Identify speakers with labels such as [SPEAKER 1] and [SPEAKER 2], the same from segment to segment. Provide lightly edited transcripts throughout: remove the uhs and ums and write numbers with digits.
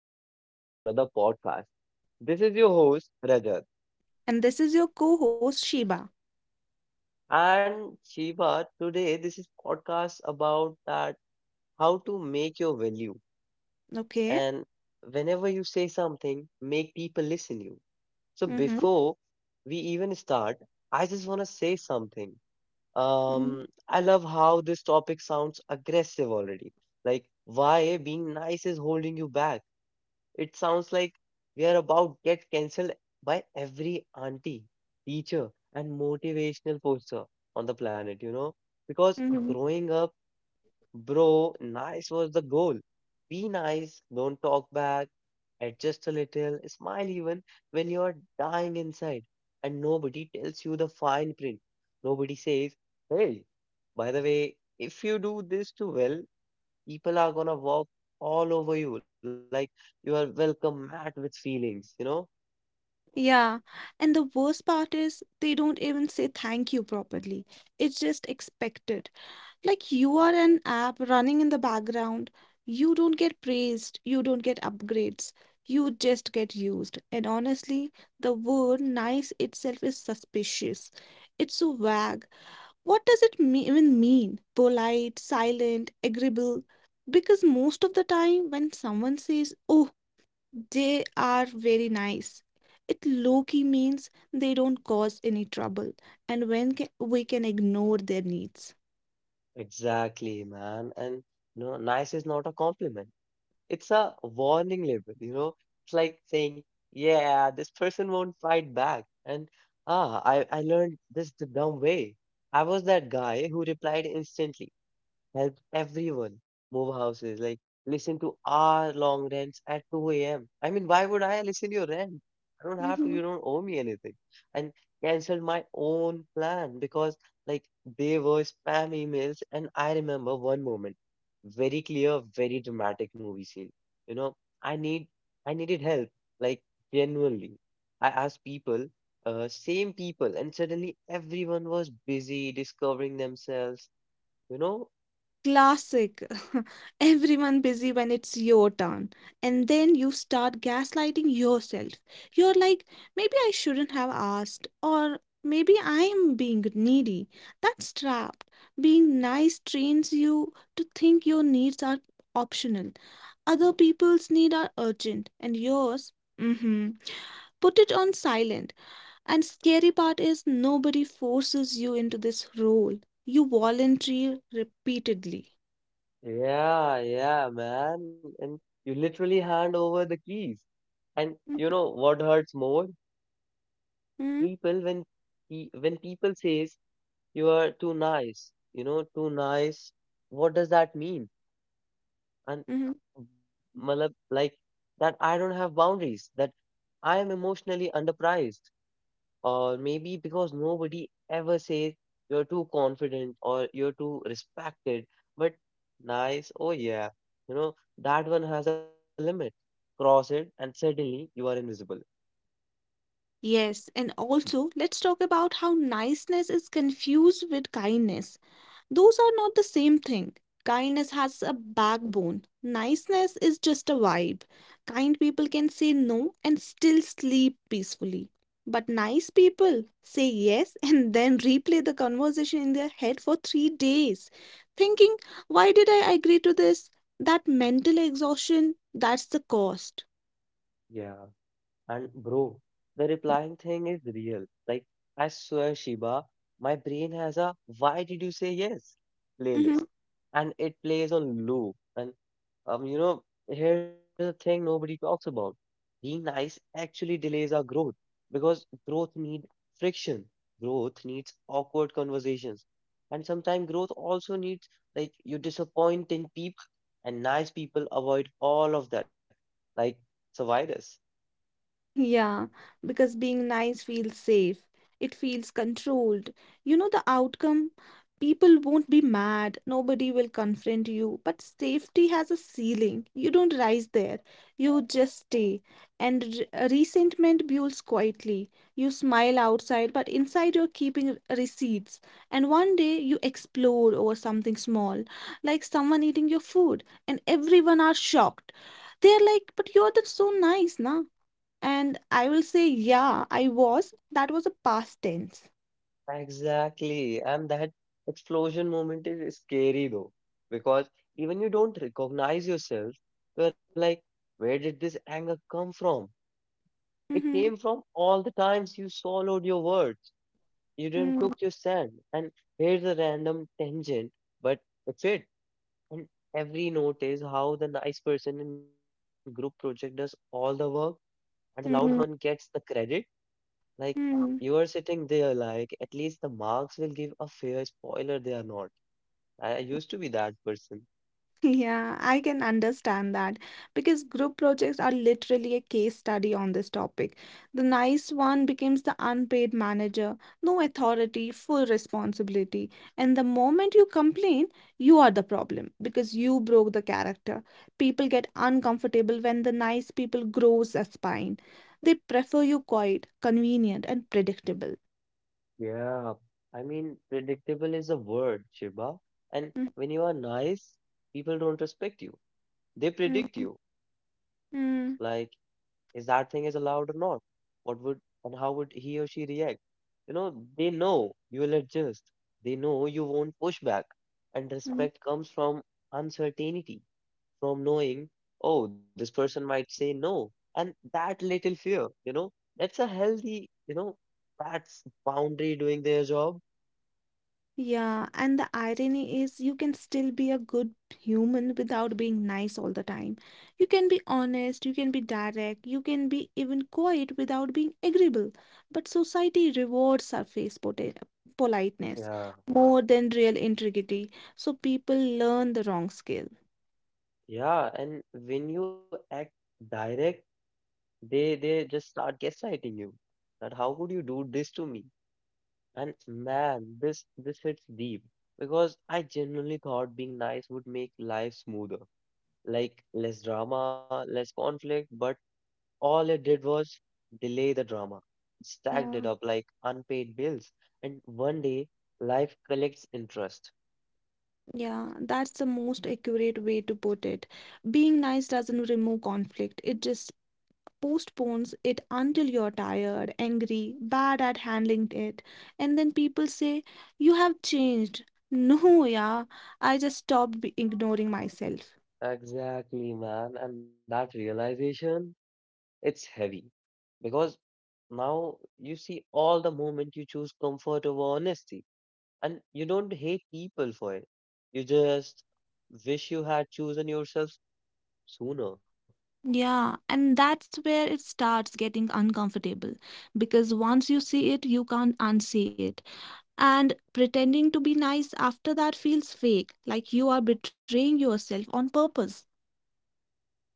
[SPEAKER 1] Welcome back to another podcast. This is your host Rajat
[SPEAKER 2] And this is your co-host Sheba.
[SPEAKER 1] and Shiva. Today, this is podcast about that how to make your value
[SPEAKER 2] Okay.
[SPEAKER 1] and whenever you say something, make people listen you. So
[SPEAKER 2] Mm-hmm.
[SPEAKER 1] before we even start, I just want to say something.
[SPEAKER 2] Mm-hmm.
[SPEAKER 1] I love how this topic sounds aggressive already. Like why being nice is holding you back. It sounds like we are about to get cancelled by every auntie, teacher, and motivational poster on the planet, you know? Because
[SPEAKER 2] Mm-hmm.
[SPEAKER 1] growing up, bro, nice was the goal. Be nice, don't talk back, adjust a little, smile even when you are dying inside. And nobody tells you the fine print. Nobody says, hey, by the way, if you do this too well, people are gonna walk all over you like you are welcome mat with feelings, you know?
[SPEAKER 2] Yeah. And the worst part is they don't even say thank you properly. It's just expected. Like you are an app running in the background. You don't get praised. You don't get upgrades. You just get used. And honestly, the word nice itself is suspicious. It's so vague. What does it even mean? Polite, silent, agreeable? Because most of the time, when someone says, oh, they are very nice, it low key means they don't cause any trouble and we can ignore their needs.
[SPEAKER 1] Exactly, man. And you know nice is not a compliment, it's a warning label, you know. It's like saying, yeah, this person won't fight back. And I learned this the dumb way. I was that guy who replied instantly, help everyone move houses. Like listen to our long rants at 2 a.m. I mean, why would I listen to your rant? I don't have to.
[SPEAKER 2] Mm-hmm.
[SPEAKER 1] You don't owe me anything. And canceled my own plan because like they were spam emails. And I remember one moment, very clear, very dramatic movie scene. You know, I need I needed help. Like genuinely, I asked people. Same people, and suddenly everyone was busy discovering themselves, you know.
[SPEAKER 2] Classic. Everyone busy when it's your turn. And then you start gaslighting yourself. You're like, maybe I shouldn't have asked, or maybe I'm being needy. That's trapped. Being nice trains you to think your needs are optional. Other people's needs are urgent, and yours, mm-hmm. Put it on silent. And scary part is nobody forces you into this role. You volunteer repeatedly.
[SPEAKER 1] Yeah, yeah, man. And you literally hand over the keys. And you know what hurts more?
[SPEAKER 2] Mhm.
[SPEAKER 1] People when people says you are too nice, you know, too nice. What does that mean? And
[SPEAKER 2] Mhm.
[SPEAKER 1] malab, like that I don't have boundaries, that I am emotionally underpriced, or maybe because nobody ever says you're too confident or you're too respected, but nice, oh yeah, you know, that one has a limit. Cross it, and suddenly you are invisible.
[SPEAKER 2] Yes, and also let's talk about how niceness is confused with kindness. Those are not the same thing. Kindness has a backbone, niceness is just a vibe. Kind people can say no and still sleep peacefully. But nice people say yes and then replay the conversation in their head for three days, thinking, why did I agree to this? That mental exhaustion, that's the cost.
[SPEAKER 1] Yeah, and bro, the replying thing is real. Like, I swear, Shiba, my brain has a why did you say yes
[SPEAKER 2] Mm-hmm.
[SPEAKER 1] playlist, and it plays on loop. And you know, here's a thing nobody talks about. Being nice actually delays our growth because growth needs friction. Growth needs awkward conversations. And sometimes growth also needs like you disappointing people and nice people avoid all of that, like survivors.
[SPEAKER 2] Yeah, because being nice feels safe. It feels controlled. You know the outcome? People won't be mad. Nobody will confront you. But safety has a ceiling. You don't rise there. You just stay. And resentment builds quietly. You smile outside, but inside you're keeping receipts. And one day you explode over something small, like someone eating your food, and everyone are shocked. They're like, but you're the so nice, na? And I will say, yeah, I was. That was a past tense.
[SPEAKER 1] Exactly. And that explosion moment is scary though, because even you don't recognize yourself, you're like, where did this anger come from? It came
[SPEAKER 2] Mm-hmm.
[SPEAKER 1] from all the times you swallowed your words. You didn't
[SPEAKER 2] Mm-hmm.
[SPEAKER 1] took your stand. And here's a random tangent, but it's it. And every note is how the nice person in group project does all the work and the loud one gets the credit. Like you are
[SPEAKER 2] Mm-hmm.
[SPEAKER 1] sitting there, like at least the marks will give a fair spoiler. They are not. I used to be that person.
[SPEAKER 2] Yeah, I can understand that because group projects are literally a case study on this topic. The nice one becomes the unpaid manager, no authority, full responsibility. And the moment you complain, you are the problem because you broke the character. People get uncomfortable when the nice people grows a spine. They prefer you quiet, convenient, and predictable.
[SPEAKER 1] Yeah. I mean, predictable is a word, Shiba. And
[SPEAKER 2] Mm.
[SPEAKER 1] when you are nice, people don't respect you. They predict
[SPEAKER 2] Mm.
[SPEAKER 1] you.
[SPEAKER 2] Mm.
[SPEAKER 1] Like, is that thing is allowed or not? What would and how would he or she react? You know, they know you will adjust. They know you won't push back. And
[SPEAKER 2] Mm.
[SPEAKER 1] respect comes from uncertainty, from knowing, oh, this person might say no. And that little fear, you know, that's a healthy, you know, that's boundary doing their job.
[SPEAKER 2] Yeah, and the irony is you can still be a good human without being nice all the time. You can be honest, you can be direct, you can be even quiet without being agreeable. But society rewards politeness
[SPEAKER 1] Yeah.
[SPEAKER 2] more than real integrity, so people learn the wrong skill.
[SPEAKER 1] Yeah. And when you act direct, they just start gaslighting you. That how could you do this to me? And man, this hits deep because I genuinely thought being nice would make life smoother, like less drama, less conflict, but all it did was delay the drama. It stacked
[SPEAKER 2] Yeah,
[SPEAKER 1] it up like unpaid bills, and one day life collects interest.
[SPEAKER 2] yeah, that's the most accurate way to put it. Being nice doesn't remove conflict, it just postpones it until you're tired, angry, bad at handling it. And then people say, you have changed. No, yeah, I just stopped ignoring myself.
[SPEAKER 1] Exactly, man, and that realization, it's heavy because now you see all the moment you choose comfort over honesty. And you don't hate people for it. You just wish you had chosen yourself sooner.
[SPEAKER 2] Yeah, and that's where it starts getting uncomfortable because once you see it, you can't unsee it. And pretending to be nice after that feels fake, like you are betraying yourself on purpose.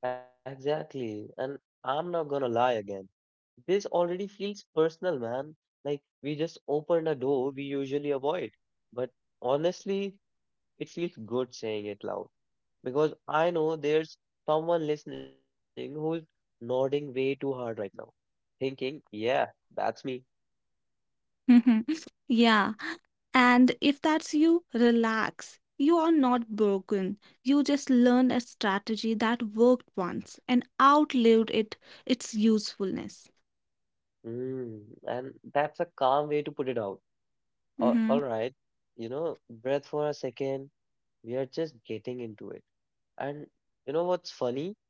[SPEAKER 1] Exactly. And I'm not gonna lie again. This already feels personal, man. Like we just opened a door we usually avoid. But honestly, it feels good saying it loud because I know there's someone listening who's nodding way too hard right now, thinking, yeah, that's me.
[SPEAKER 2] Yeah. And if that's you, relax. You are not broken. You just learned a strategy that worked once and outlived it its usefulness.
[SPEAKER 1] Mm, and that's a calm way to put it out. All
[SPEAKER 2] Mm-hmm.
[SPEAKER 1] right, you know, breath for a second. We are just getting into it. And you know what's funny?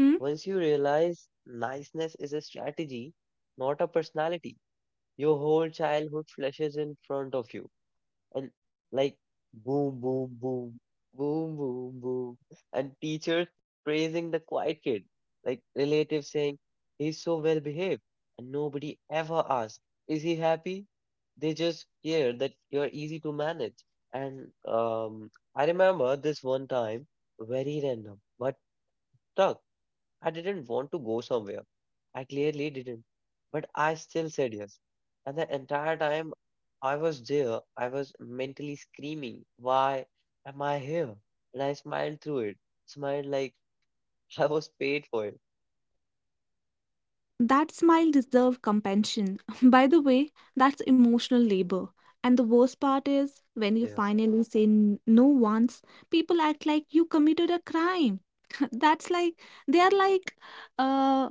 [SPEAKER 2] Hmm?
[SPEAKER 1] Once you realize niceness is a strategy, not a personality, your whole childhood flashes in front of you. And like boom, boom, boom, boom, boom, boom. And teachers praising the quiet kid, like relatives saying, he's so well behaved. And nobody ever asks, is he happy? They just care that you're easy to manage. And I remember this one time, very random, but stuck. I didn't want to go somewhere. I clearly didn't, but I still said yes. And the entire time I was there, I was mentally screaming, why am I here? And I smiled through it, smiled like I was paid for it.
[SPEAKER 2] That smile deserved compassion. By the way, that's emotional labor. And the worst part is when you
[SPEAKER 1] Yeah,
[SPEAKER 2] finally say no once, people act like you committed a crime. That's like they are like, uh,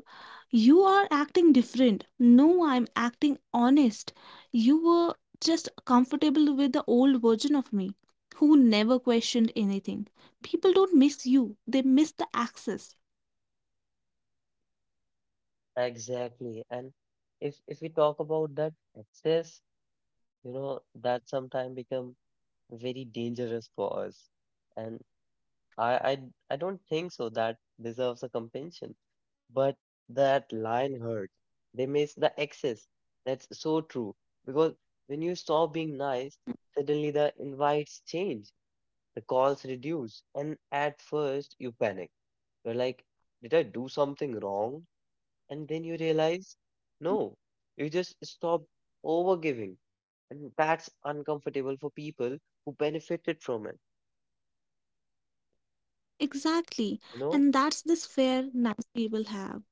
[SPEAKER 2] you are acting different. No, I'm acting honest. You were just comfortable with the old version of me who never questioned anything. People don't miss you, they miss the access.
[SPEAKER 1] exactly. And if we talk about that excess, you know, that sometimes become very dangerous for us. And I, I, I don't think so that deserves a compensation. But that line hurt, they miss the excess. That's so true. Because when you stop being nice, suddenly the invites change, the calls reduce. And at first, you panic. You're like, did I do something wrong? And then you realize, no, you just stop overgiving. And that's uncomfortable for people who benefited from it.
[SPEAKER 2] Exactly.
[SPEAKER 1] You
[SPEAKER 2] And
[SPEAKER 1] know?
[SPEAKER 2] that's this fear nice people have.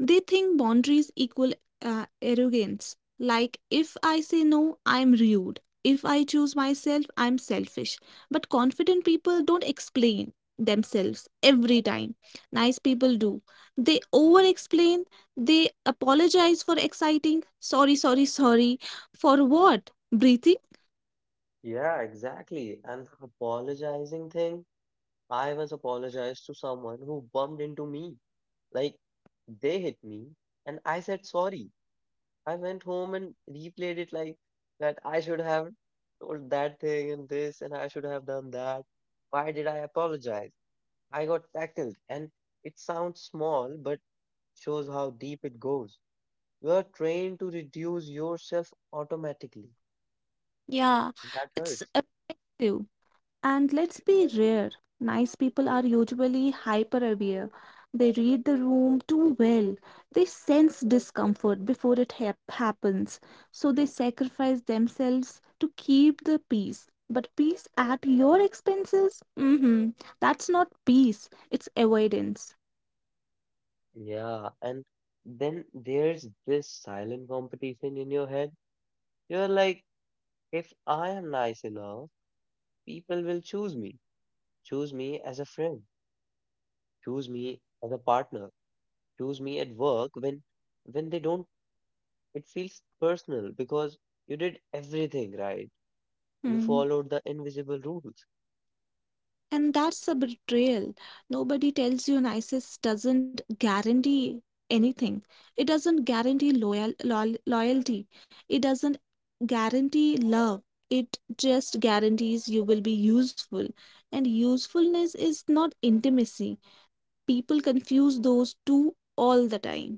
[SPEAKER 2] They think boundaries equal arrogance. Like, if I say no, I'm rude. If I choose myself, I'm selfish. But confident people don't explain themselves every time. Nice people do. They over explain. They apologize for exciting. Sorry, sorry, sorry. For what? Breathing?
[SPEAKER 1] Yeah, exactly. And the apologizing thing, I was apologized to someone who bumped into me. Like, they hit me and I said sorry. I went home and replayed it like that I should have told that thing and this and I should have done that. Why did I apologize? I got tackled and it sounds small but shows how deep it goes. You are trained to reduce yourself automatically.
[SPEAKER 2] Yeah,
[SPEAKER 1] That
[SPEAKER 2] it's
[SPEAKER 1] hurts.
[SPEAKER 2] addictive. And let's be rare. Nice people are usually hyper aware. They read the room too well. They sense discomfort before it happens. So they sacrifice themselves to keep the peace. But peace at your expenses? Mm-hmm. That's not peace, it's avoidance.
[SPEAKER 1] Yeah, and then there's this silent competition in your head. You're like, if I am nice enough, people will choose me. Choose me as a friend. Choose me as a partner. Choose me at work when they don't, it feels personal because you did everything right. You
[SPEAKER 2] Hmm.
[SPEAKER 1] followed the invisible rules.
[SPEAKER 2] And that's a betrayal. Nobody tells you NISIS doesn't guarantee anything. It doesn't guarantee loyal loyalty. It doesn't guarantee love. It just guarantees you will be useful. And usefulness is not intimacy. People confuse those two all the time.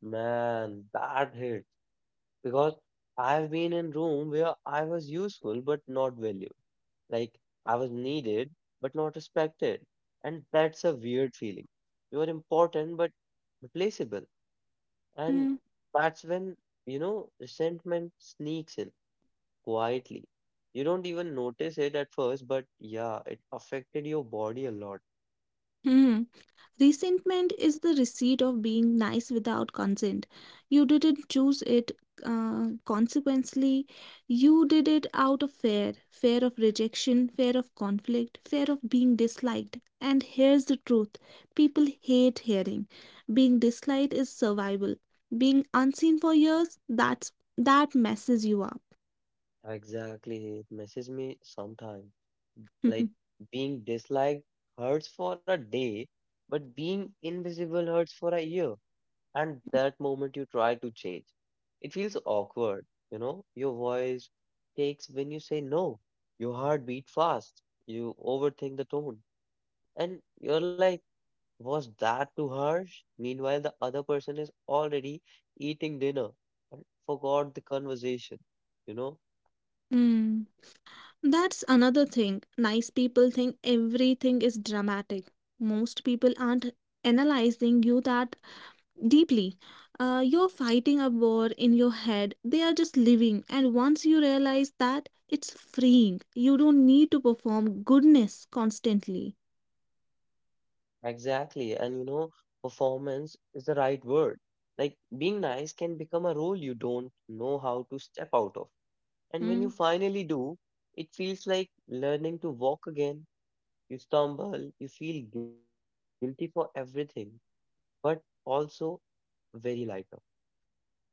[SPEAKER 1] Man, that hit. Because I've been in room where I was useful but not valued. Like I was needed but not respected. And that's a weird feeling. You are important but replaceable. And that's when, you know, resentment sneaks in quietly. You don't even notice it at first, but yeah, it affected your body a lot.
[SPEAKER 2] Mhm. Resentment is the receipt of being nice without consent. You didn't choose it. Consequently, you did it out of fear of rejection, fear of conflict, fear of being disliked. And here's the truth people hate hearing. Being disliked is survival. Being unseen for years, that messes you up.
[SPEAKER 1] Exactly. It messes me sometimes. Like being disliked hurts for a day, but being invisible hurts for a year. And that moment you try to change, it feels awkward. You know, your voice takes when you say no. Your heart beat fast. You overthink the tone. And you're like, was that too harsh? Meanwhile, the other person is already eating dinner and forgot the conversation. You know.
[SPEAKER 2] Hmm. That's another thing. Nice people think everything is dramatic. Most people aren't analyzing you that deeply. You're fighting a war in your head. They are just living. And once you realize that, it's freeing. You don't need to perform goodness constantly.
[SPEAKER 1] Exactly. And you know, performance is the right word. Like being nice can become a role you don't know how to step out of. And when you
[SPEAKER 2] Mm.
[SPEAKER 1] finally do, it feels like learning to walk again. You stumble, you feel guilty for everything, but also very lighter.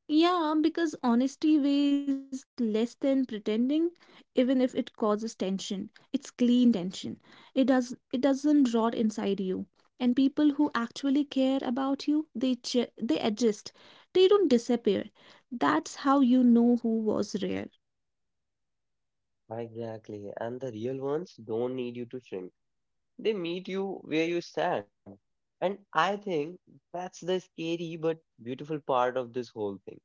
[SPEAKER 2] Yeah, because honesty weighs less than pretending, even if it causes tension. It's clean tension. It doesn't rot inside you. And people who actually care about you, they adjust. They don't disappear. That's how you know who was real.
[SPEAKER 1] Exactly. And the real ones don't need you to shrink. They meet you where you stand. And I think that's the scary but beautiful part of this whole thing.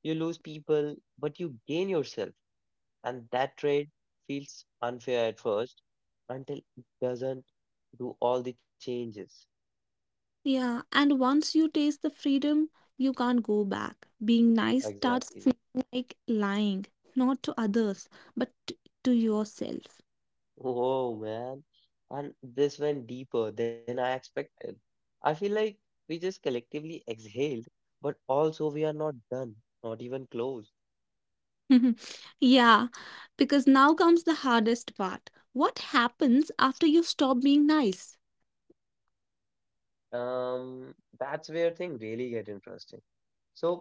[SPEAKER 1] You lose people, but you gain yourself. And that trade feels unfair at first until it doesn't do all the changes.
[SPEAKER 2] Yeah, and once you taste the freedom, you can't go back. Being nice starts
[SPEAKER 1] Exactly.
[SPEAKER 2] feeling like lying, not to others, but t- to yourself.
[SPEAKER 1] Oh man. And this went deeper than I expected. I feel like we just collectively exhaled, but also we are not done, not even close.
[SPEAKER 2] Yeah, because now comes the hardest part. What happens after you stop being nice?
[SPEAKER 1] Um, that's where things really get interesting. So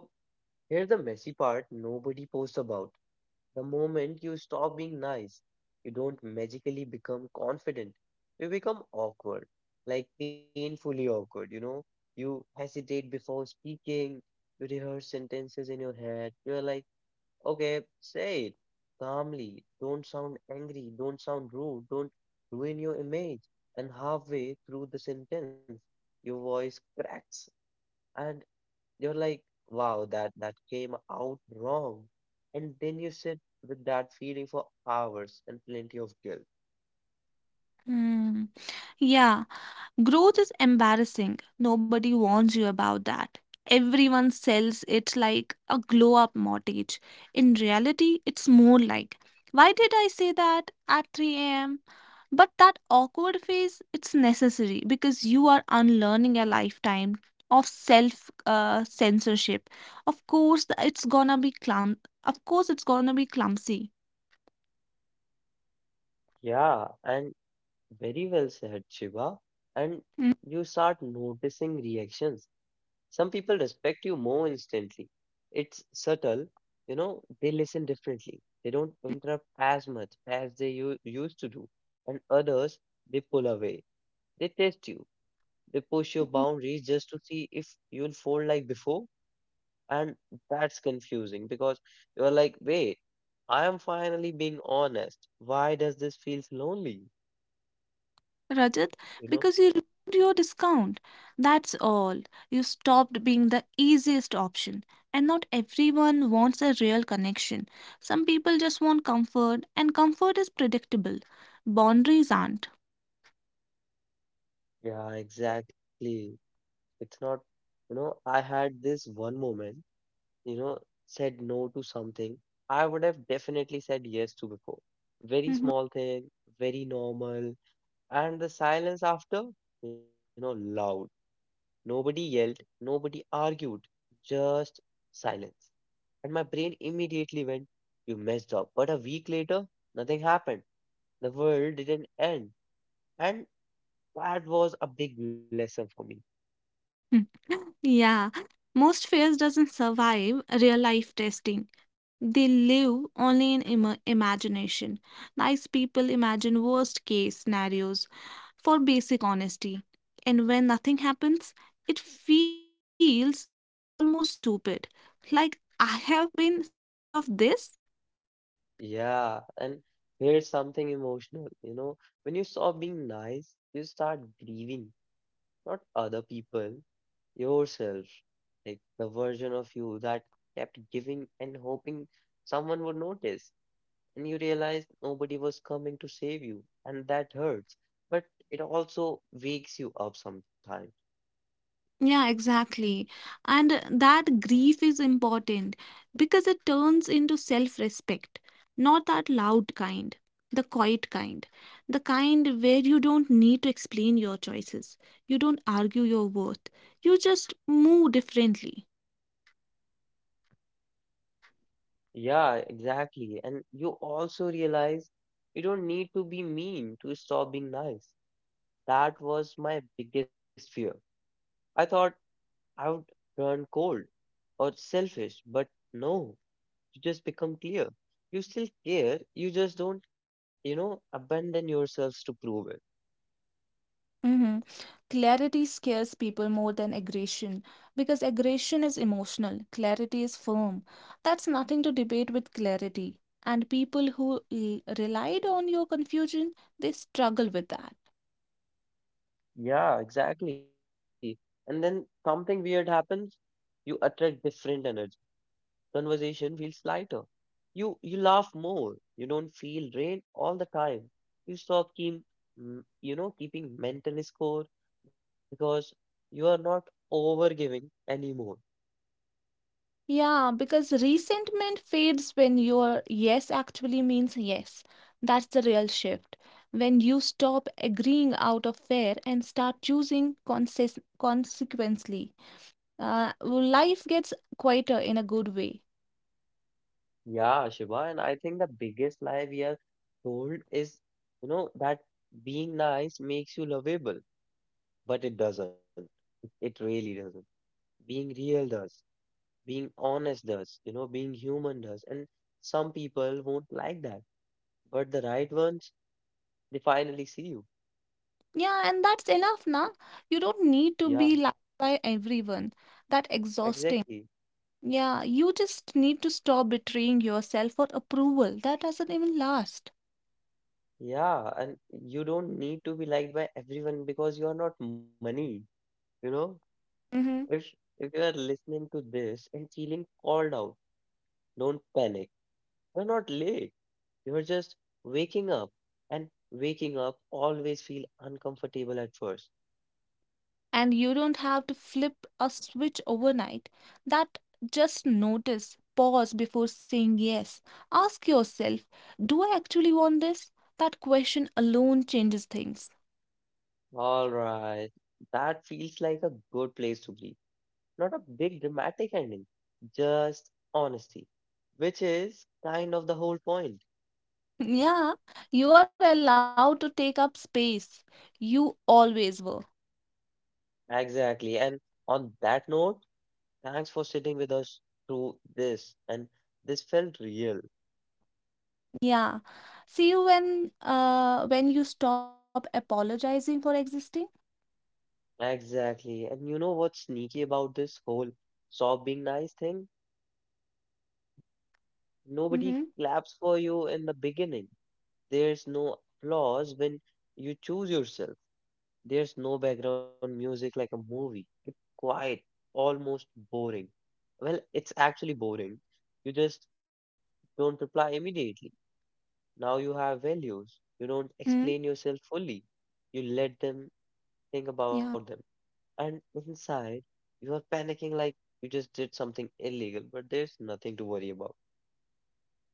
[SPEAKER 1] here's the messy part nobody posts about. The moment you stop being nice, you don't magically become confident. You become awkward, like painfully awkward, you know? You hesitate before speaking, you rehearse sentences in your head. You're like, okay, say it calmly. Don't sound angry. Don't sound rude. Don't ruin your image. And halfway through the sentence, your voice cracks and you're like, wow, that came out wrong. And then you sit with that feeling for hours and plenty of guilt.
[SPEAKER 2] Hmm. Yeah. Growth is embarrassing. Nobody warns you about that. Everyone sells it like a glow up mortgage. In reality, it's more like, why did I say that at 3 a.m.? But that awkward phase, it's necessary because you are unlearning a lifetime of self censorship. Of course, it's gonna be clumsy.
[SPEAKER 1] Yeah, and very well said, Shiva. And
[SPEAKER 2] Mhm.
[SPEAKER 1] you start noticing reactions. Some people respect you more instantly. It's subtle, you know, they listen differently. They don't interrupt as much as they used to do. And others, they pull away. They test you. They push your boundaries just to see if you'll fold like before. And that's confusing because you're like, wait, I am finally being honest. Why does this feels lonely?
[SPEAKER 2] Rajat,
[SPEAKER 1] You know?
[SPEAKER 2] because you removed your discount. That's all. You stopped being the easiest option. And not everyone wants a real connection. Some people just want comfort, and comfort is predictable. Boundaries aren't.
[SPEAKER 1] Yeah, exactly. It's not, you know, I had this one moment, you know, said no to something I would have definitely said yes to before. Very
[SPEAKER 2] Mhm.
[SPEAKER 1] small thing, very normal. And the silence after, loud. Nobody yelled, nobody argued, just silence. And my brain immediately went, you messed up. But a week later, nothing happened. The world didn't end. And that was a big lesson for me.
[SPEAKER 2] Yeah, most fairs doesn't survive real life testing. They live only in imagination. Nice people imagine worst case scenarios for basic honesty. And when nothing happens, it feels almost stupid. Like I have been scared of this.
[SPEAKER 1] Yeah. And here's something emotional. When you stop being nice, you start grieving, not other people, yourself. Like the version of you that kept giving and hoping someone would notice. And you realize nobody was coming to save you, and that hurts. But it also wakes you up sometimes.
[SPEAKER 2] Yeah, exactly. And that grief is important because it turns into self respect. Not that loud kind, the quiet kind, the kind where you don't need to explain your choices, you don't argue your worth, you just move differently.
[SPEAKER 1] Yeah, exactly. And you also realize you don't need to be mean to stop being nice. That was my biggest fear. I thought I would turn cold or selfish, but no, you just become clear. You still care, you just don't, abandon yourselves to prove it.
[SPEAKER 2] Mm-hmm. Clarity scares people more than aggression because aggression is emotional, clarity is firm. That's nothing to debate with clarity. And people who relied on your confusion, they struggle with that.
[SPEAKER 1] Yeah, exactly. And then something weird happens. You attract different energy. Conversation feels lighter. You laugh more. You don't feel drained all the time. You stop keep, keeping mental score because you are not overgiving anymore.
[SPEAKER 2] Yeah, because resentment fades when your yes actually means yes. That's the real shift. When you stop agreeing out of fear and start choosing consequently. Well, life gets quieter in a good way.
[SPEAKER 1] Yeah, Shiva, and I think the biggest lie we are told is, that being nice makes you lovable, but it doesn't. It really doesn't. Being real does. Being honest does, being human does. And some people won't like that, but the right ones, they finally see you.
[SPEAKER 2] Yeah, and that's enough, na? You don't
[SPEAKER 1] Yeah,
[SPEAKER 2] need to be liked by everyone. That exhausting.
[SPEAKER 1] exactly.
[SPEAKER 2] Yeah, you just need to stop betraying yourself for approval. That doesn't even last.
[SPEAKER 1] Yeah, and you don't need to be liked by everyone because you are not money, you know. If
[SPEAKER 2] Hmm.
[SPEAKER 1] if you are listening to this and feeling called out, don't panic. You're not late. You're just waking up. And waking up always feel uncomfortable at first.
[SPEAKER 2] And you don't have to flip a switch overnight. That just notice, pause before saying yes. Ask yourself, do I actually want this? That question alone changes things.
[SPEAKER 1] All right, that feels like a good place to be. Not a big dramatic ending, just honesty, which is kind of the whole point.
[SPEAKER 2] Yeah, you are allowed to take up space. You always were.
[SPEAKER 1] Exactly. And on that note, thanks for sitting with us through this. And this felt real.
[SPEAKER 2] Yeah. See you when you stop apologizing for existing.
[SPEAKER 1] Exactly. And you know what's sneaky about this whole sob being nice thing? Nobody
[SPEAKER 2] Mm-hmm.
[SPEAKER 1] claps for you in the beginning. There's no applause when you choose yourself. There's no background music like a movie. It's quiet, almost boring. Well, it's actually boring. You just don't reply immediately. Now you have values.
[SPEAKER 2] Mm-hmm.
[SPEAKER 1] You don't explain yourself fully. You let them
[SPEAKER 2] Yeah.
[SPEAKER 1] think about them. And inside, you are panicking like you just did something illegal, but there's nothing to worry about.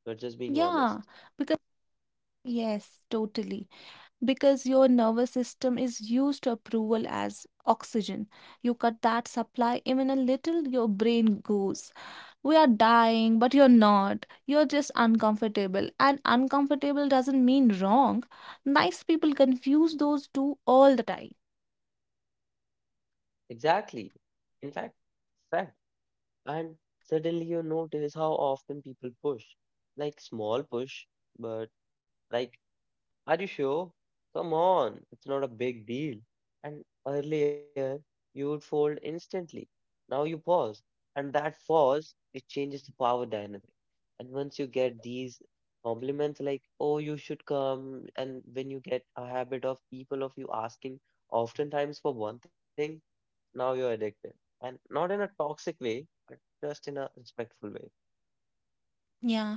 [SPEAKER 1] You're just being
[SPEAKER 2] Yeah.
[SPEAKER 1] honest.
[SPEAKER 2] Because yes, totally. Because your nervous system is used to approval as oxygen. You cut that supply even a little, your brain goes. We are dying, but you're not. You're just uncomfortable. And uncomfortable doesn't mean wrong. Nice people confuse those two all the time.
[SPEAKER 1] Exactly. In fact, fact, and suddenly you notice how often people push. Like small push, but like, are you sure? Come on, it's not a big deal. And earlier you would fold instantly. Now you pause. And that pause, it changes the power dynamic. And once you get these compliments like, oh, you should come, and when you get a habit of people of you asking oftentimes for one thing, now you're addicted. And not in a toxic way, but just in a respectful way.
[SPEAKER 2] Yeah,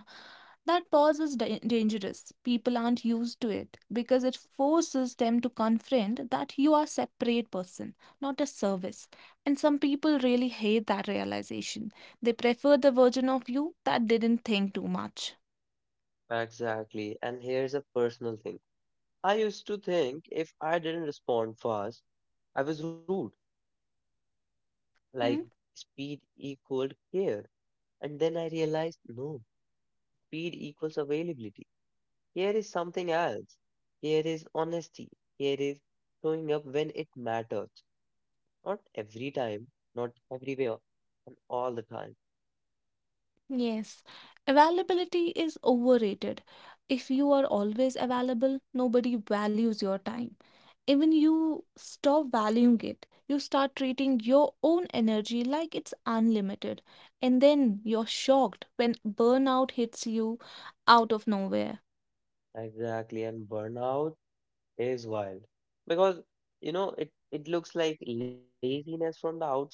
[SPEAKER 2] that dangerous. People aren't used to it because it forces them to confront that you are a separate person, not a service. And some people really hate that realization. They prefer the version of you that didn't think too much.
[SPEAKER 1] Exactly. And here's a personal thing. I used to think if I didn't respond fast, I was rude. Like
[SPEAKER 2] Hmm?
[SPEAKER 1] speed equaled care. And then I realized no, speed equals availability. Here is something else. Here is honesty. Here is showing up when it matters. Not every time, not everywhere, and all the time.
[SPEAKER 2] Yes, availability is overrated. If you are always available, nobody values your time. Even you stop valuing it. You start treating your own energy like it's unlimited. And then you're shocked when burnout hits you out of nowhere.
[SPEAKER 1] Exactly. And burnout is wild because you know it looks like laziness from the outside,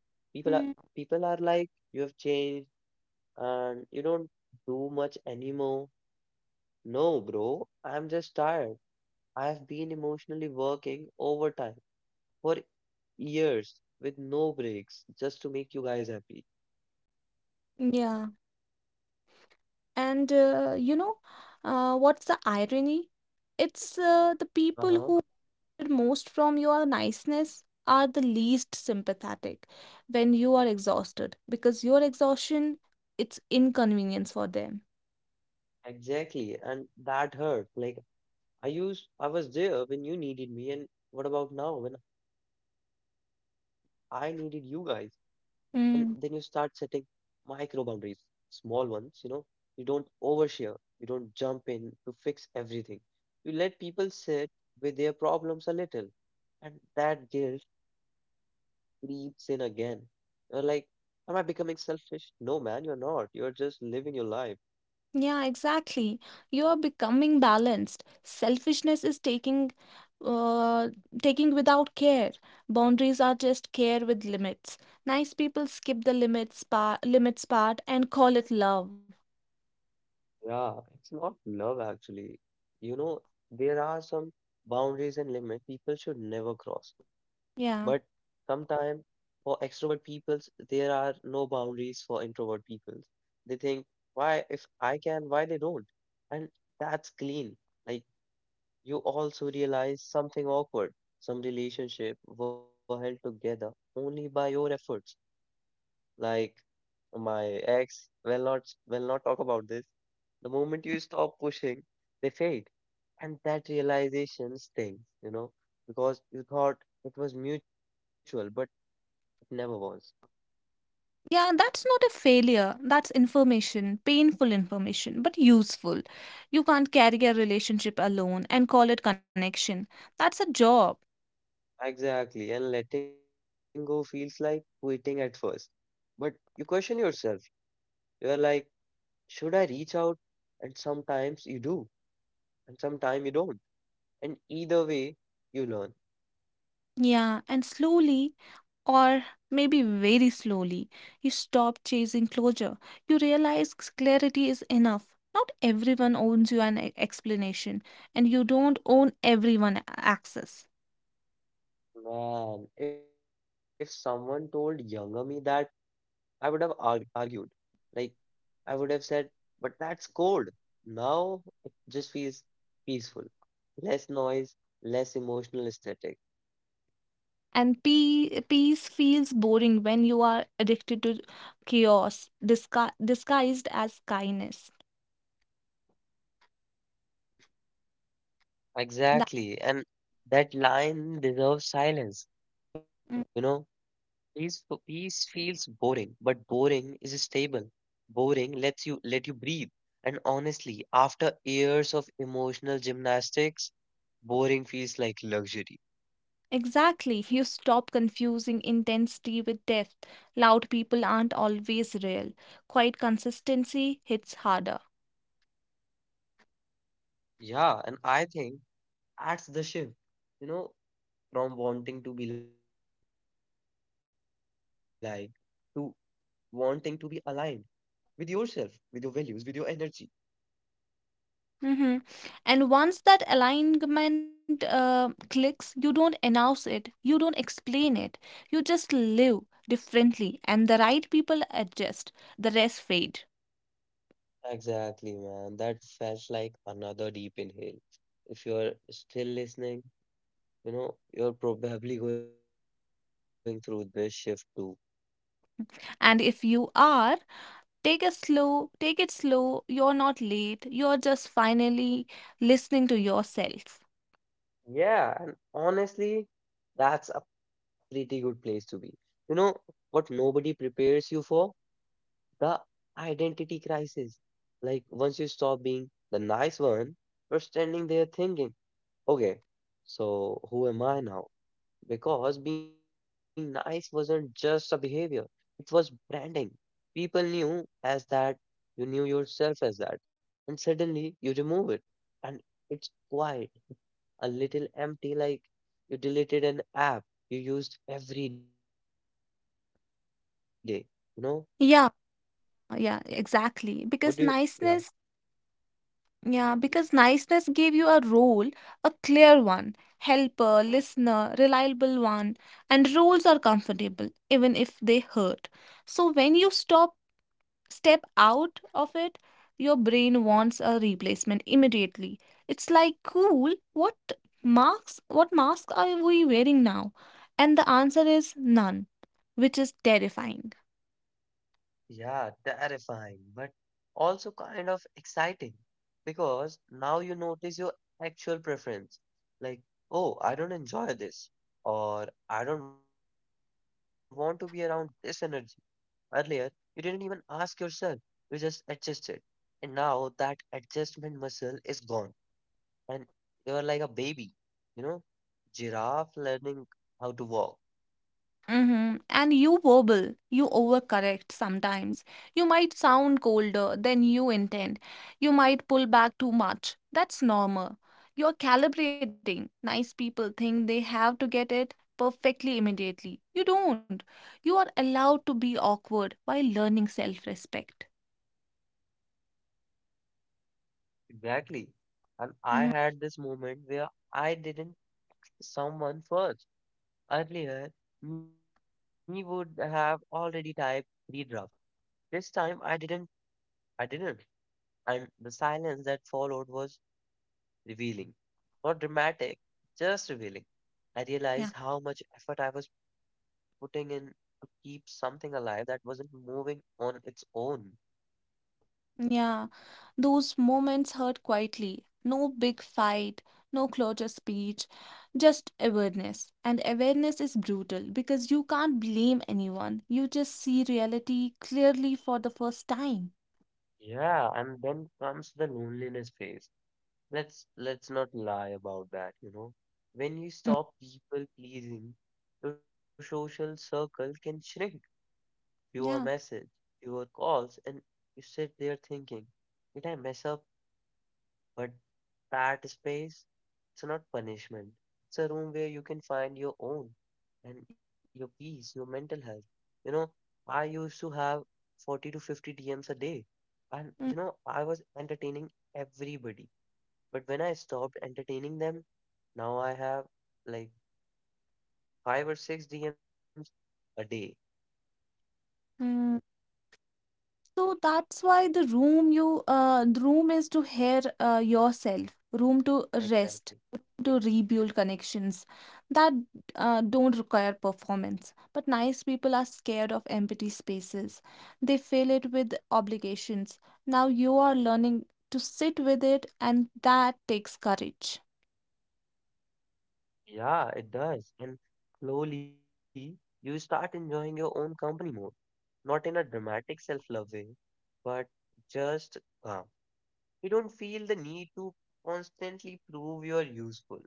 [SPEAKER 1] people are
[SPEAKER 2] Mm,
[SPEAKER 1] people are like you have changed and you don't do much anymore, no bro, I'm just tired, I have been emotionally working overtime for years with no breaks just to make you guys happy.
[SPEAKER 2] yeah. And what's the irony? It's The people
[SPEAKER 1] Uh-huh,
[SPEAKER 2] who most from your niceness are the least sympathetic when you are exhausted because your exhaustion it's inconvenience for them.
[SPEAKER 1] exactly. And that hurt like, I used, I was there when you needed me, and what about now when I needed you guys? And then you start setting
[SPEAKER 2] Mm.
[SPEAKER 1] micro boundaries, small ones, you know. You don't overshare, you don't jump in to fix everything. You let people sit with their problems a little, and that guilt creeps in again. You're like, am I becoming selfish? No, man, you're not. You're just living your life.
[SPEAKER 2] Yeah, exactly, you are becoming balanced. Selfishness is taking uh, taking without care. Boundaries are just care with limits. Nice people skip the limits part and call it love.
[SPEAKER 1] Yeah, it's not love actually. You know, there are some boundaries and limits people should never cross. But
[SPEAKER 2] Yeah.
[SPEAKER 1] sometimes for extrovert peoples, there are no boundaries for introvert peoples. They think, why if I can, why they don't? And that's clean. Like you also realize something awkward. Some relationship were held together only by your efforts. Like my ex, will not talk about this, the moment you stop pushing, they fade. And that realization stings, because you thought it was mutual, but it never was.
[SPEAKER 2] Yeah, that's not a failure. That's information, painful information, but useful. You can't carry a relationship alone and call it connection. That's a job.
[SPEAKER 1] Exactly. And letting go feels like quitting at first. But you question yourself. You're like, should I reach out? And sometimes you do, and sometimes you don't. And either way, you learn.
[SPEAKER 2] Yeah, and slowly, or maybe very slowly, you stop chasing closure. You realize clarity is enough. Not everyone owns you an explanation, and you don't own everyone access.
[SPEAKER 1] Man, if someone told younger me that, I would have argued. Like, I would have said, but that's cold. Now it just feels peaceful. Less noise, less emotional aesthetic.
[SPEAKER 2] And peace feels boring when you are addicted to chaos, disguised as kindness. That,
[SPEAKER 1] Exactly. And that line deserves silence. You know,
[SPEAKER 2] Mm,
[SPEAKER 1] peace, peace feels boring, but boring is stable. Boring lets you breathe. And honestly, after years of emotional gymnastics, boring feels like luxury.
[SPEAKER 2] exactly. You stop confusing intensity with depth. Loud people aren't always real. Quiet consistency hits harder.
[SPEAKER 1] Yeah, and I think that's the shift, you know, from wanting to be liked to wanting to be aligned with yourself, with your values, with your energy.
[SPEAKER 2] Mhm. And once that alignment clicks, you don't announce it, you don't explain it, you just live differently, and the right people adjust, the rest fade.
[SPEAKER 1] Exactly, man. That felt like another deep inhale. If you're still listening, you're probably going through this shift too.
[SPEAKER 2] And if you are, take it slow. You're not late. You're just finally listening to yourself.
[SPEAKER 1] Yeah, and honestly, that's a pretty good place to be. You know what nobody prepares you for? The identity crisis. Like once you stop being the nice one, you're standing there thinking, okay, so who am I now? Because being nice wasn't just a behavior, it was branding. People knew as that, you knew yourself as that, and suddenly you remove it, and it's quiet, a little empty, like you deleted an app you used every day. You know,
[SPEAKER 2] Yeah,
[SPEAKER 1] what do you,
[SPEAKER 2] yeah,
[SPEAKER 1] yeah.
[SPEAKER 2] exactly. Because niceness, yeah, because niceness gave you a role, a clear one, helper, listener, reliable one, and roles are comfortable even if they hurt. So when you stop step out of it, your brain wants a replacement immediately. It's like, cool, what mask are we wearing now? And the answer is none, which is terrifying.
[SPEAKER 1] Yeah, terrifying, but also kind of exciting because now you notice your actual preference. Like, oh, I don't enjoy this, or I don't want to be around this energy. Earlier, you didn't even ask yourself, you just adjusted. And now that adjustment muscle is gone, and you're like a baby, you know, giraffe learning how to walk.
[SPEAKER 2] Mm-hmm. And you wobble, you overcorrect sometimes. You might sound colder than you intend. You might pull back too much. That's normal. You're calibrating. Nice people think they have to get it perfectly immediately. You don't. You are allowed to be awkward while learning self respect.
[SPEAKER 1] Exactly. And I
[SPEAKER 2] Mm-hmm.
[SPEAKER 1] had this moment where I didn't someone first. Earlier, we would have already typed redraft. This time I didn't. I didn't. And the silence that followed was revealing. Not dramatic, just revealing. I realized
[SPEAKER 2] Yeah.
[SPEAKER 1] how much effort I was putting in to keep something alive that wasn't moving on its own.
[SPEAKER 2] Yeah, those moments hurt quietly. No big fight, no clutter speech, just awareness. And awareness is brutal because you can't blame anyone. You just see reality clearly for the first time.
[SPEAKER 1] Yeah, and then comes the loneliness phase. Let's not lie about that, When you
[SPEAKER 2] Mm.
[SPEAKER 1] stop people pleasing, your social circle can shrink, fewer
[SPEAKER 2] Yeah.
[SPEAKER 1] messages, fewer calls, and you sit there thinking, did I mess up? But that space, it's not punishment. It's a room where you can find your own and your peace, your mental health. You know, I used to have 40 to 50 DMs a day, and you know, I was entertaining everybody. But when I stopped entertaining them, now I have like five or six DMs a day.
[SPEAKER 2] Mhm. So that's why the room is to hear yourself, room to
[SPEAKER 1] Exactly.
[SPEAKER 2] rest, room to rebuild connections that don't require performance. But nice people are scared of empty spaces. They fill it with obligations. Now you are learning to sit with it, and that takes courage.
[SPEAKER 1] Yeah, it does. And slowly you start enjoying your own company more, not in a dramatic self-love way, but just calm. You don't feel the need to constantly prove you're useful.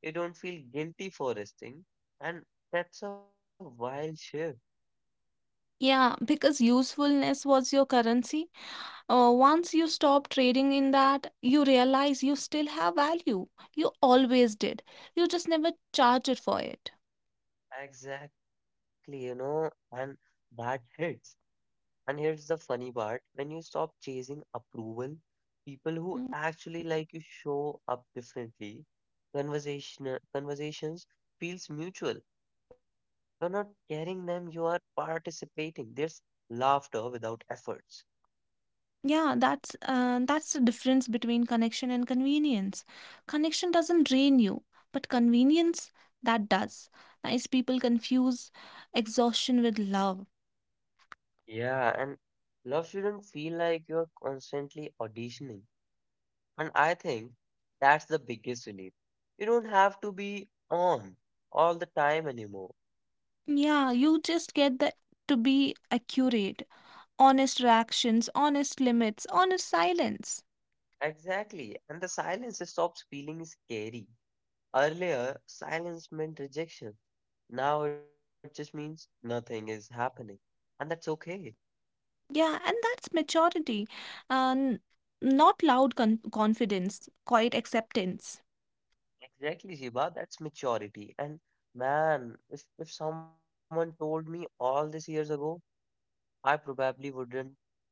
[SPEAKER 1] You don't feel guilty for resting, and that's a wild shift.
[SPEAKER 2] Yeah, because usefulness was your currency. Once you stop trading in that, you realize you still have value. You always did. You just never charge it for it.
[SPEAKER 1] Exactly, and that hits. And here's the funny part, when you stop chasing approval, people who
[SPEAKER 2] Hmm.
[SPEAKER 1] actually like you show up differently. Conversations feels mutual. You're not carrying them, you are participating. There's laughter without efforts.
[SPEAKER 2] Yeah, that's the difference between connection and convenience. Connection doesn't drain you, but convenience that does. Nice people confuse exhaustion with love.
[SPEAKER 1] Yeah, and love shouldn't feel like you're constantly auditioning. And I think that's the biggest relief. You don't have to be on all the time anymore.
[SPEAKER 2] Yeah, you just get the to be accurate, honest reactions, honest limits, honest silence.
[SPEAKER 1] Exactly, and the silence stops feeling scary. Earlier, silence meant rejection. Now it just means nothing is happening. And that's okay.
[SPEAKER 2] Yeah, and that's maturity, and not loud confidence, quiet acceptance.
[SPEAKER 1] Exactly, Shiva, that's maturity. And man, if someone told me all these years ago, I probably wouldn't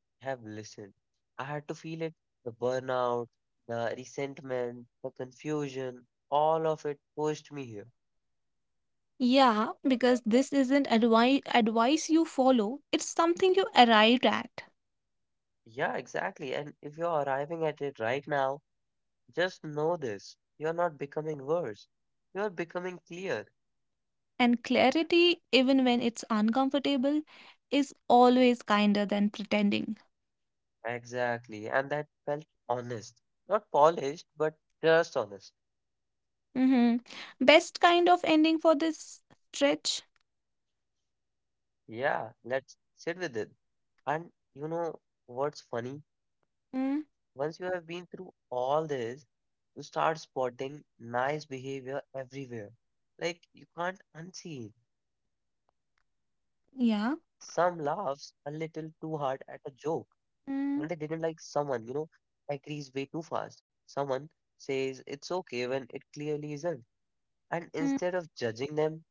[SPEAKER 1] have listened. I had to feel it, the burnout, the resentment, the confusion, all of it pushed me here.
[SPEAKER 2] Yeah, because this isn't advice you follow, it's something you arrived at.
[SPEAKER 1] Yeah, exactly. And if you're arriving at it right now, just know this. You're not becoming worse. You're becoming clear.
[SPEAKER 2] And clarity, even when it's uncomfortable, is always kinder than pretending.
[SPEAKER 1] Exactly. And that felt honest. Not polished, but just honest.
[SPEAKER 2] Hmm. Best kind of ending for this stretch?
[SPEAKER 1] Yeah, let's sit with it. And you know what's funny?
[SPEAKER 2] Mm,
[SPEAKER 1] Once you have been through all this, you start spotting nice behavior everywhere. Like you can't unsee it. Some laughs a little
[SPEAKER 2] yeah.
[SPEAKER 1] too hard at a joke, and they didn't like someone,
[SPEAKER 2] Mm,
[SPEAKER 1] agrees way too fast. Someone says it's okay when it clearly isn't. And
[SPEAKER 2] mm,
[SPEAKER 1] instead of judging them,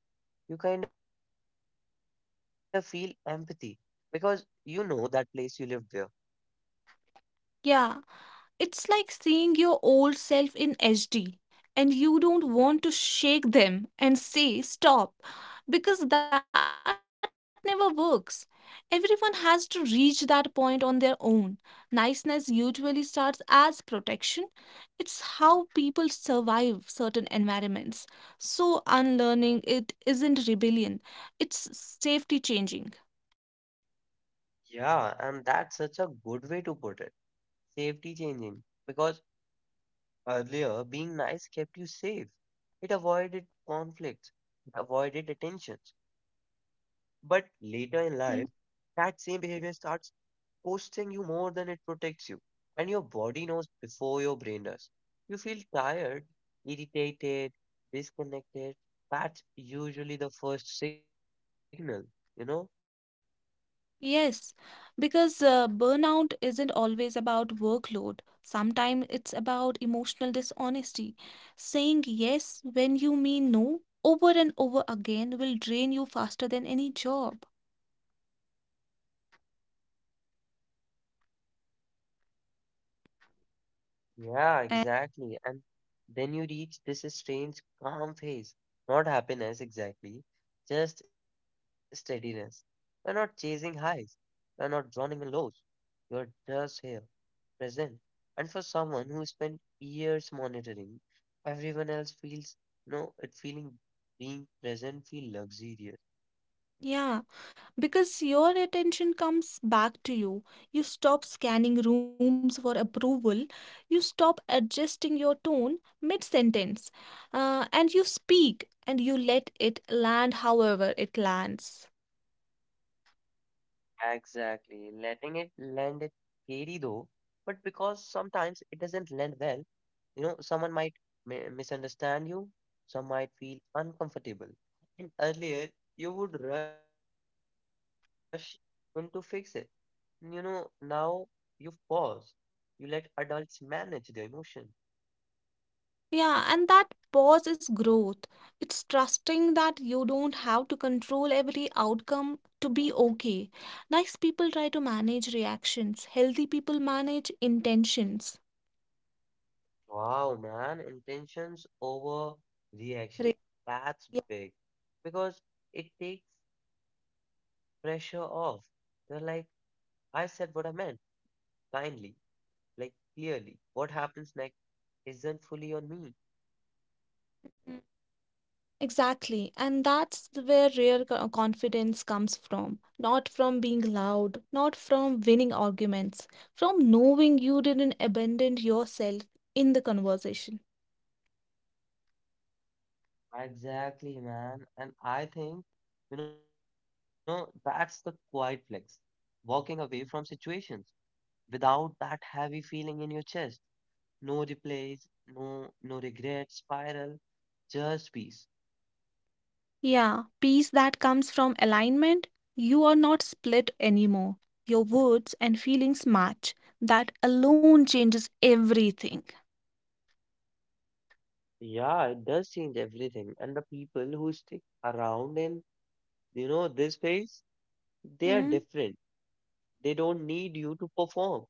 [SPEAKER 1] you kind of feel empathy because you know that place, you lived there.
[SPEAKER 2] yeah. It's like seeing your old self in HD and you don't want to shake them and say stop because that never works. Everyone has to reach that point on their own. Niceness usually starts as protection, it's how people survive certain environments. So, unlearning it isn't rebellion, it's safety changing.
[SPEAKER 1] Yeah, and that's such a good way to put it. Safety changing. Because earlier, being nice kept you safe. It avoided conflicts, it avoided attentions. But later in life,
[SPEAKER 2] Mm-hmm.
[SPEAKER 1] that same behavior starts costing you more than it protects you. And your body knows before your brain does. You feel tired, irritated, disconnected. That's usually the first signal, you know?
[SPEAKER 2] Yes, because burnout isn't always about workload. Sometimes it's about emotional dishonesty. Saying yes when you mean no over and over again will drain you faster than any job.
[SPEAKER 1] Yeah,
[SPEAKER 2] And
[SPEAKER 1] exactly. And then you reach this strange calm phase. Not happiness exactly, just steadiness. You're not chasing highs, you're not drowning in lows. You're just here, present. And for someone who spent years monitoring everyone else, feels no it feeling being present feel luxurious.
[SPEAKER 2] yeah, because your attention comes back to you. You stop scanning rooms for approval. You stop adjusting your tone mid-sentence. And you speak and you let it land however it lands.
[SPEAKER 1] Exactly. Letting it land it scary though, but because sometimes it doesn't land well, you know, someone might misunderstand you, some might feel uncomfortable. And earlier you would rush in to fix it, you know, now you pause, you let adults manage their emotion.
[SPEAKER 2] Yeah, and that pause is growth. It's trusting that you don't have to control every outcome to be okay. Nice people try to manage reactions, healthy people manage intentions.
[SPEAKER 1] Wow, man, intentions over reaction.
[SPEAKER 2] Re-
[SPEAKER 1] That's
[SPEAKER 2] yeah.
[SPEAKER 1] big because it takes pressure off. You're like, I said what I meant kindly, like clearly. What happens next isn't fully on me.
[SPEAKER 2] Mm, exactly, and that's where real confidence comes from. Not from being loud, not from winning arguments, from knowing you didn't abandon yourself in the conversation.
[SPEAKER 1] Exactly, man. And I think, you know, that's the quiet flex. Walking away from situations without that heavy feeling in your chest. No replays, no regret, spiral, just peace.
[SPEAKER 2] Yeah, peace that comes from alignment. You are not split anymore. Your words and feelings match. That alone changes everything.
[SPEAKER 1] Yeah, it does change everything. And the people who stick around in, you know, this phase, they are different. They don't need you to perform.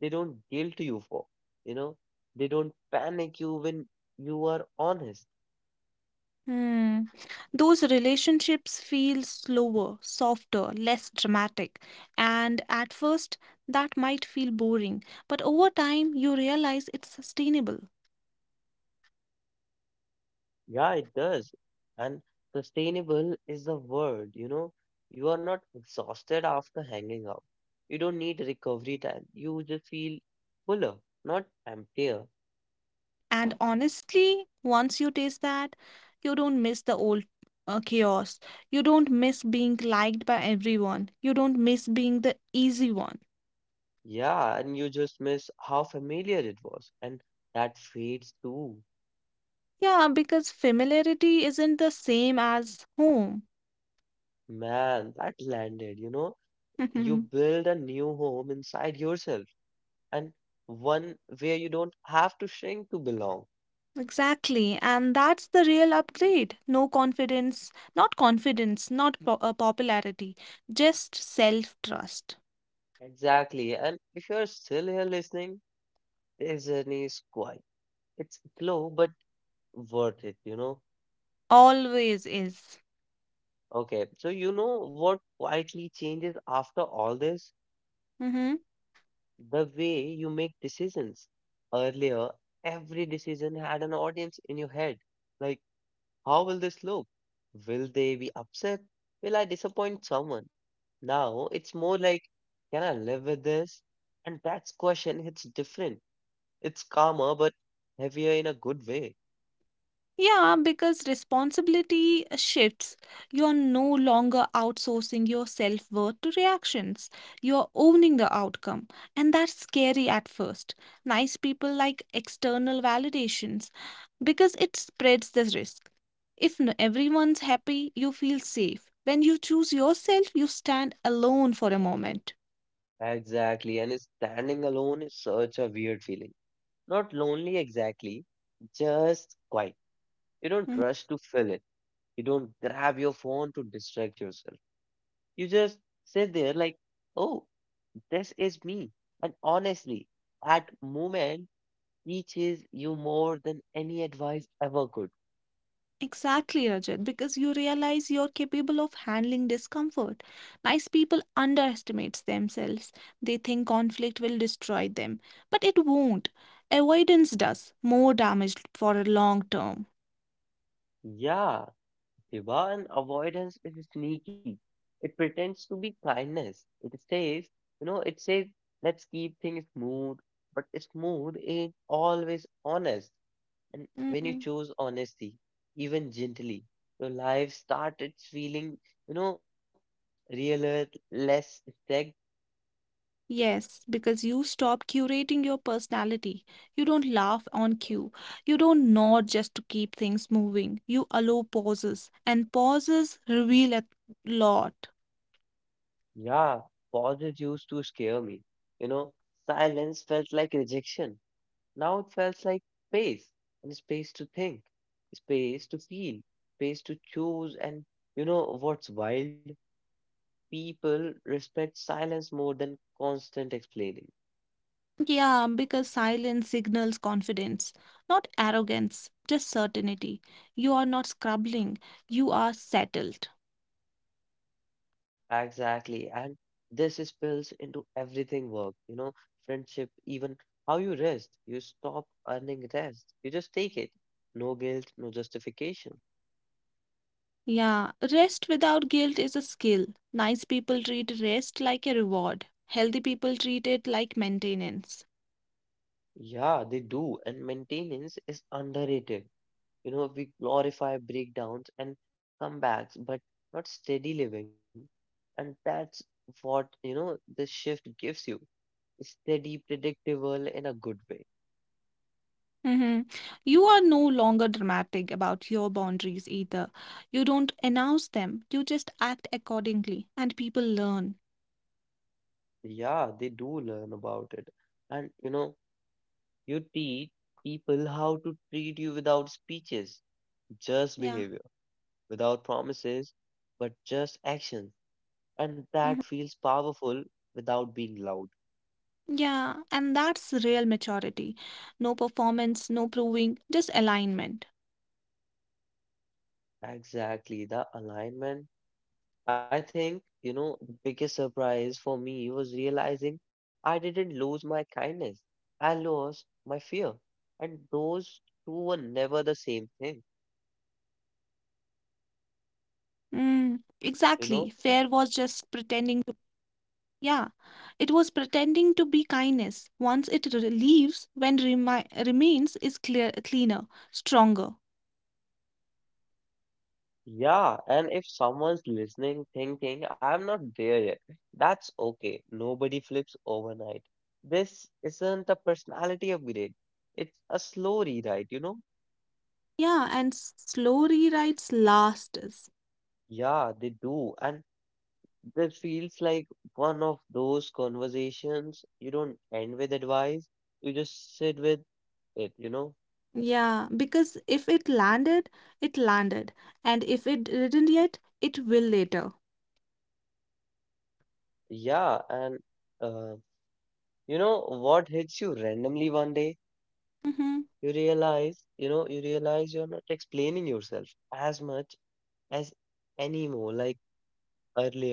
[SPEAKER 1] They don't guilt you for, you know, they don't panic you when you are honest.
[SPEAKER 2] Hmm. Those relationships feel slower, softer, less dramatic. And at first, that might feel boring. But over time, you realize it's sustainable.
[SPEAKER 1] Yeah, it does. And sustainable is the word, you know, you are not exhausted after hanging out. You don't need recovery time. You just feel fuller, not emptier.
[SPEAKER 2] And honestly, once you taste that, you don't miss the old chaos. You don't miss being liked by everyone. You don't miss being the easy one.
[SPEAKER 1] Yeah, and you just miss how familiar it was. And that fades too.
[SPEAKER 2] Yeah, because familiarity isn't the same as home.
[SPEAKER 1] Man, that landed, you know. You build a new home inside yourself and one where you don't have to shrink to belong.
[SPEAKER 2] Exactly. And that's the real upgrade. No confidence, not confidence, not po- Popularity, just self trust.
[SPEAKER 1] Exactly. And if you're still here listening, this journey is quiet. It's slow, but worth it, you know.
[SPEAKER 2] Always is.
[SPEAKER 1] Okay, so you know what quietly changes after all this?
[SPEAKER 2] Mhm.
[SPEAKER 1] The way you make decisions. Earlier, every decision had an audience in your head. Like, how will this look? Will they be upset? Will I disappoint someone? Now it's more like, can I live with this? And that's question hits different. It's calmer, but heavier in a good way.
[SPEAKER 2] Yeah, because responsibility shifts. You're no longer outsourcing your self worth to reactions. You're owning the outcome. And that's scary at first. Nice people like external validations because it spreads the risk. If n- everyone's happy, you feel safe. When you choose yourself, you stand alone for a moment.
[SPEAKER 1] Exactly. And standing alone is such a weird feeling. Not lonely exactly, just quiet. You don't
[SPEAKER 2] Mhm.
[SPEAKER 1] rush to fill it. You don't grab your phone to distract yourself. You just sit there like, oh, this is me. And honestly, that moment teaches you more than any advice ever could.
[SPEAKER 2] Exactly, Rajat, because you realize you're capable of handling discomfort. Nice people underestimate themselves. They think conflict will destroy them, but it won't. Avoidance does more damage for a long term.
[SPEAKER 1] Yeah, Divan avoidance is sneaky. It pretends to be kindness. It says, you know, it says, let's keep things smooth, but smooth is always honest. And when you
[SPEAKER 2] Mm,
[SPEAKER 1] choose honesty, even gently, your life started feeling, you know, realer, less.
[SPEAKER 2] yes, because you stop curating your personality. You don't laugh on cue. You don't nod just to keep things moving. You allow pauses, and pauses reveal a lot.
[SPEAKER 1] Yeah, pauses used to scare me. You know, silence felt like rejection. Now it felt like space, and space to think, space to feel, space to choose. And you know what's wild? People respect silence more than constant explaining.
[SPEAKER 2] Yeah, because silence signals confidence, not arrogance, just certainty. You are not scrubbling, you are settled.
[SPEAKER 1] Exactly. And this spills into everything, work, you know, friendship, even how you rest. You stop earning rest, you just take it. No guilt, no justification.
[SPEAKER 2] Yeah, rest without guilt is a skill. Nice people treat rest like a reward, healthy people treat it like maintenance.
[SPEAKER 1] Yeah, they do. And maintenance is underrated. You know, we glorify breakdowns and comebacks, but not steady living. And that's what, you know, this shift gives you. Steady, predictable in a good way.
[SPEAKER 2] Hmm. You are no longer dramatic about your boundaries either. You don't announce them, you just act accordingly, and people learn.
[SPEAKER 1] Yeah, they do learn about it. And, you know, you teach people how to treat you without speeches, just
[SPEAKER 2] Yeah.
[SPEAKER 1] behavior, without promises, but just actions. And that
[SPEAKER 2] Mm-hmm.
[SPEAKER 1] feels powerful without being loud.
[SPEAKER 2] Yeah, and that's real maturity. No performance, no proving, just alignment.
[SPEAKER 1] Exactly, the alignment. I think, you know, the biggest surprise for me was realizing I didn't lose my kindness. I lost my fear. And those two were never the same thing,
[SPEAKER 2] Mm, exactly. Fair was just
[SPEAKER 1] you know?
[SPEAKER 2] pretending to, yeah, it was pretending to be kindness. Once it leaves, when remi remains is clear, cleaner, stronger.
[SPEAKER 1] Yeah, and if someone's listening, thinking, I'm not there yet, that's okay. Nobody flips overnight. This isn't a personality upgrade. It's a slow rewrite, you know?
[SPEAKER 2] Yeah, and slow rewrites last us.
[SPEAKER 1] Yeah, they do. And this feels like one of those conversations you don't end with advice, you just sit with it, you know?
[SPEAKER 2] Yeah, because if it landed, it landed, and if it didn't yet, it will later.
[SPEAKER 1] Yeah, and uh, you know what hits you randomly one day?
[SPEAKER 2] Mm-hmm.
[SPEAKER 1] You realize, you know, you realize you're not explaining yourself as much as anymore. Like earlier,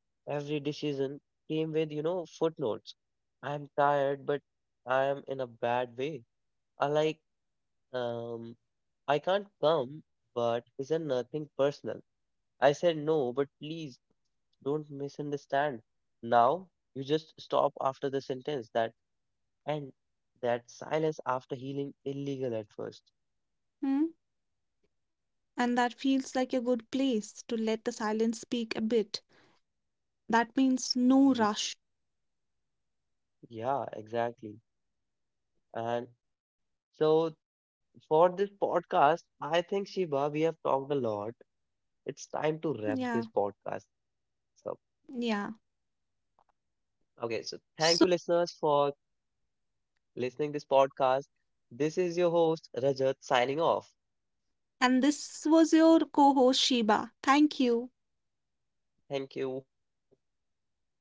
[SPEAKER 1] every decision came with, you know, footnotes. I'm tired, but I am in a bad way. I like Um, I can't come, but isn't nothing personal. I said no, but please don't misunderstand. Now you just stop after the sentence that and that silence after healing illegal at first.
[SPEAKER 2] Hmm. And that feels like a good place to let the silence speak a bit. That means
[SPEAKER 1] Ye-
[SPEAKER 2] no rush.
[SPEAKER 1] Yeah, exactly. And so for this podcast, I think Shiba, we have talked a lot. It's
[SPEAKER 2] Yeah,
[SPEAKER 1] time to wrap this podcast up.
[SPEAKER 2] yeah.
[SPEAKER 1] Okay, so thank you
[SPEAKER 2] So,
[SPEAKER 1] listeners for listening this podcast. This is your host Rajat signing off.
[SPEAKER 2] and this was your co host Sheba. Thank you.
[SPEAKER 1] Thank you. See you.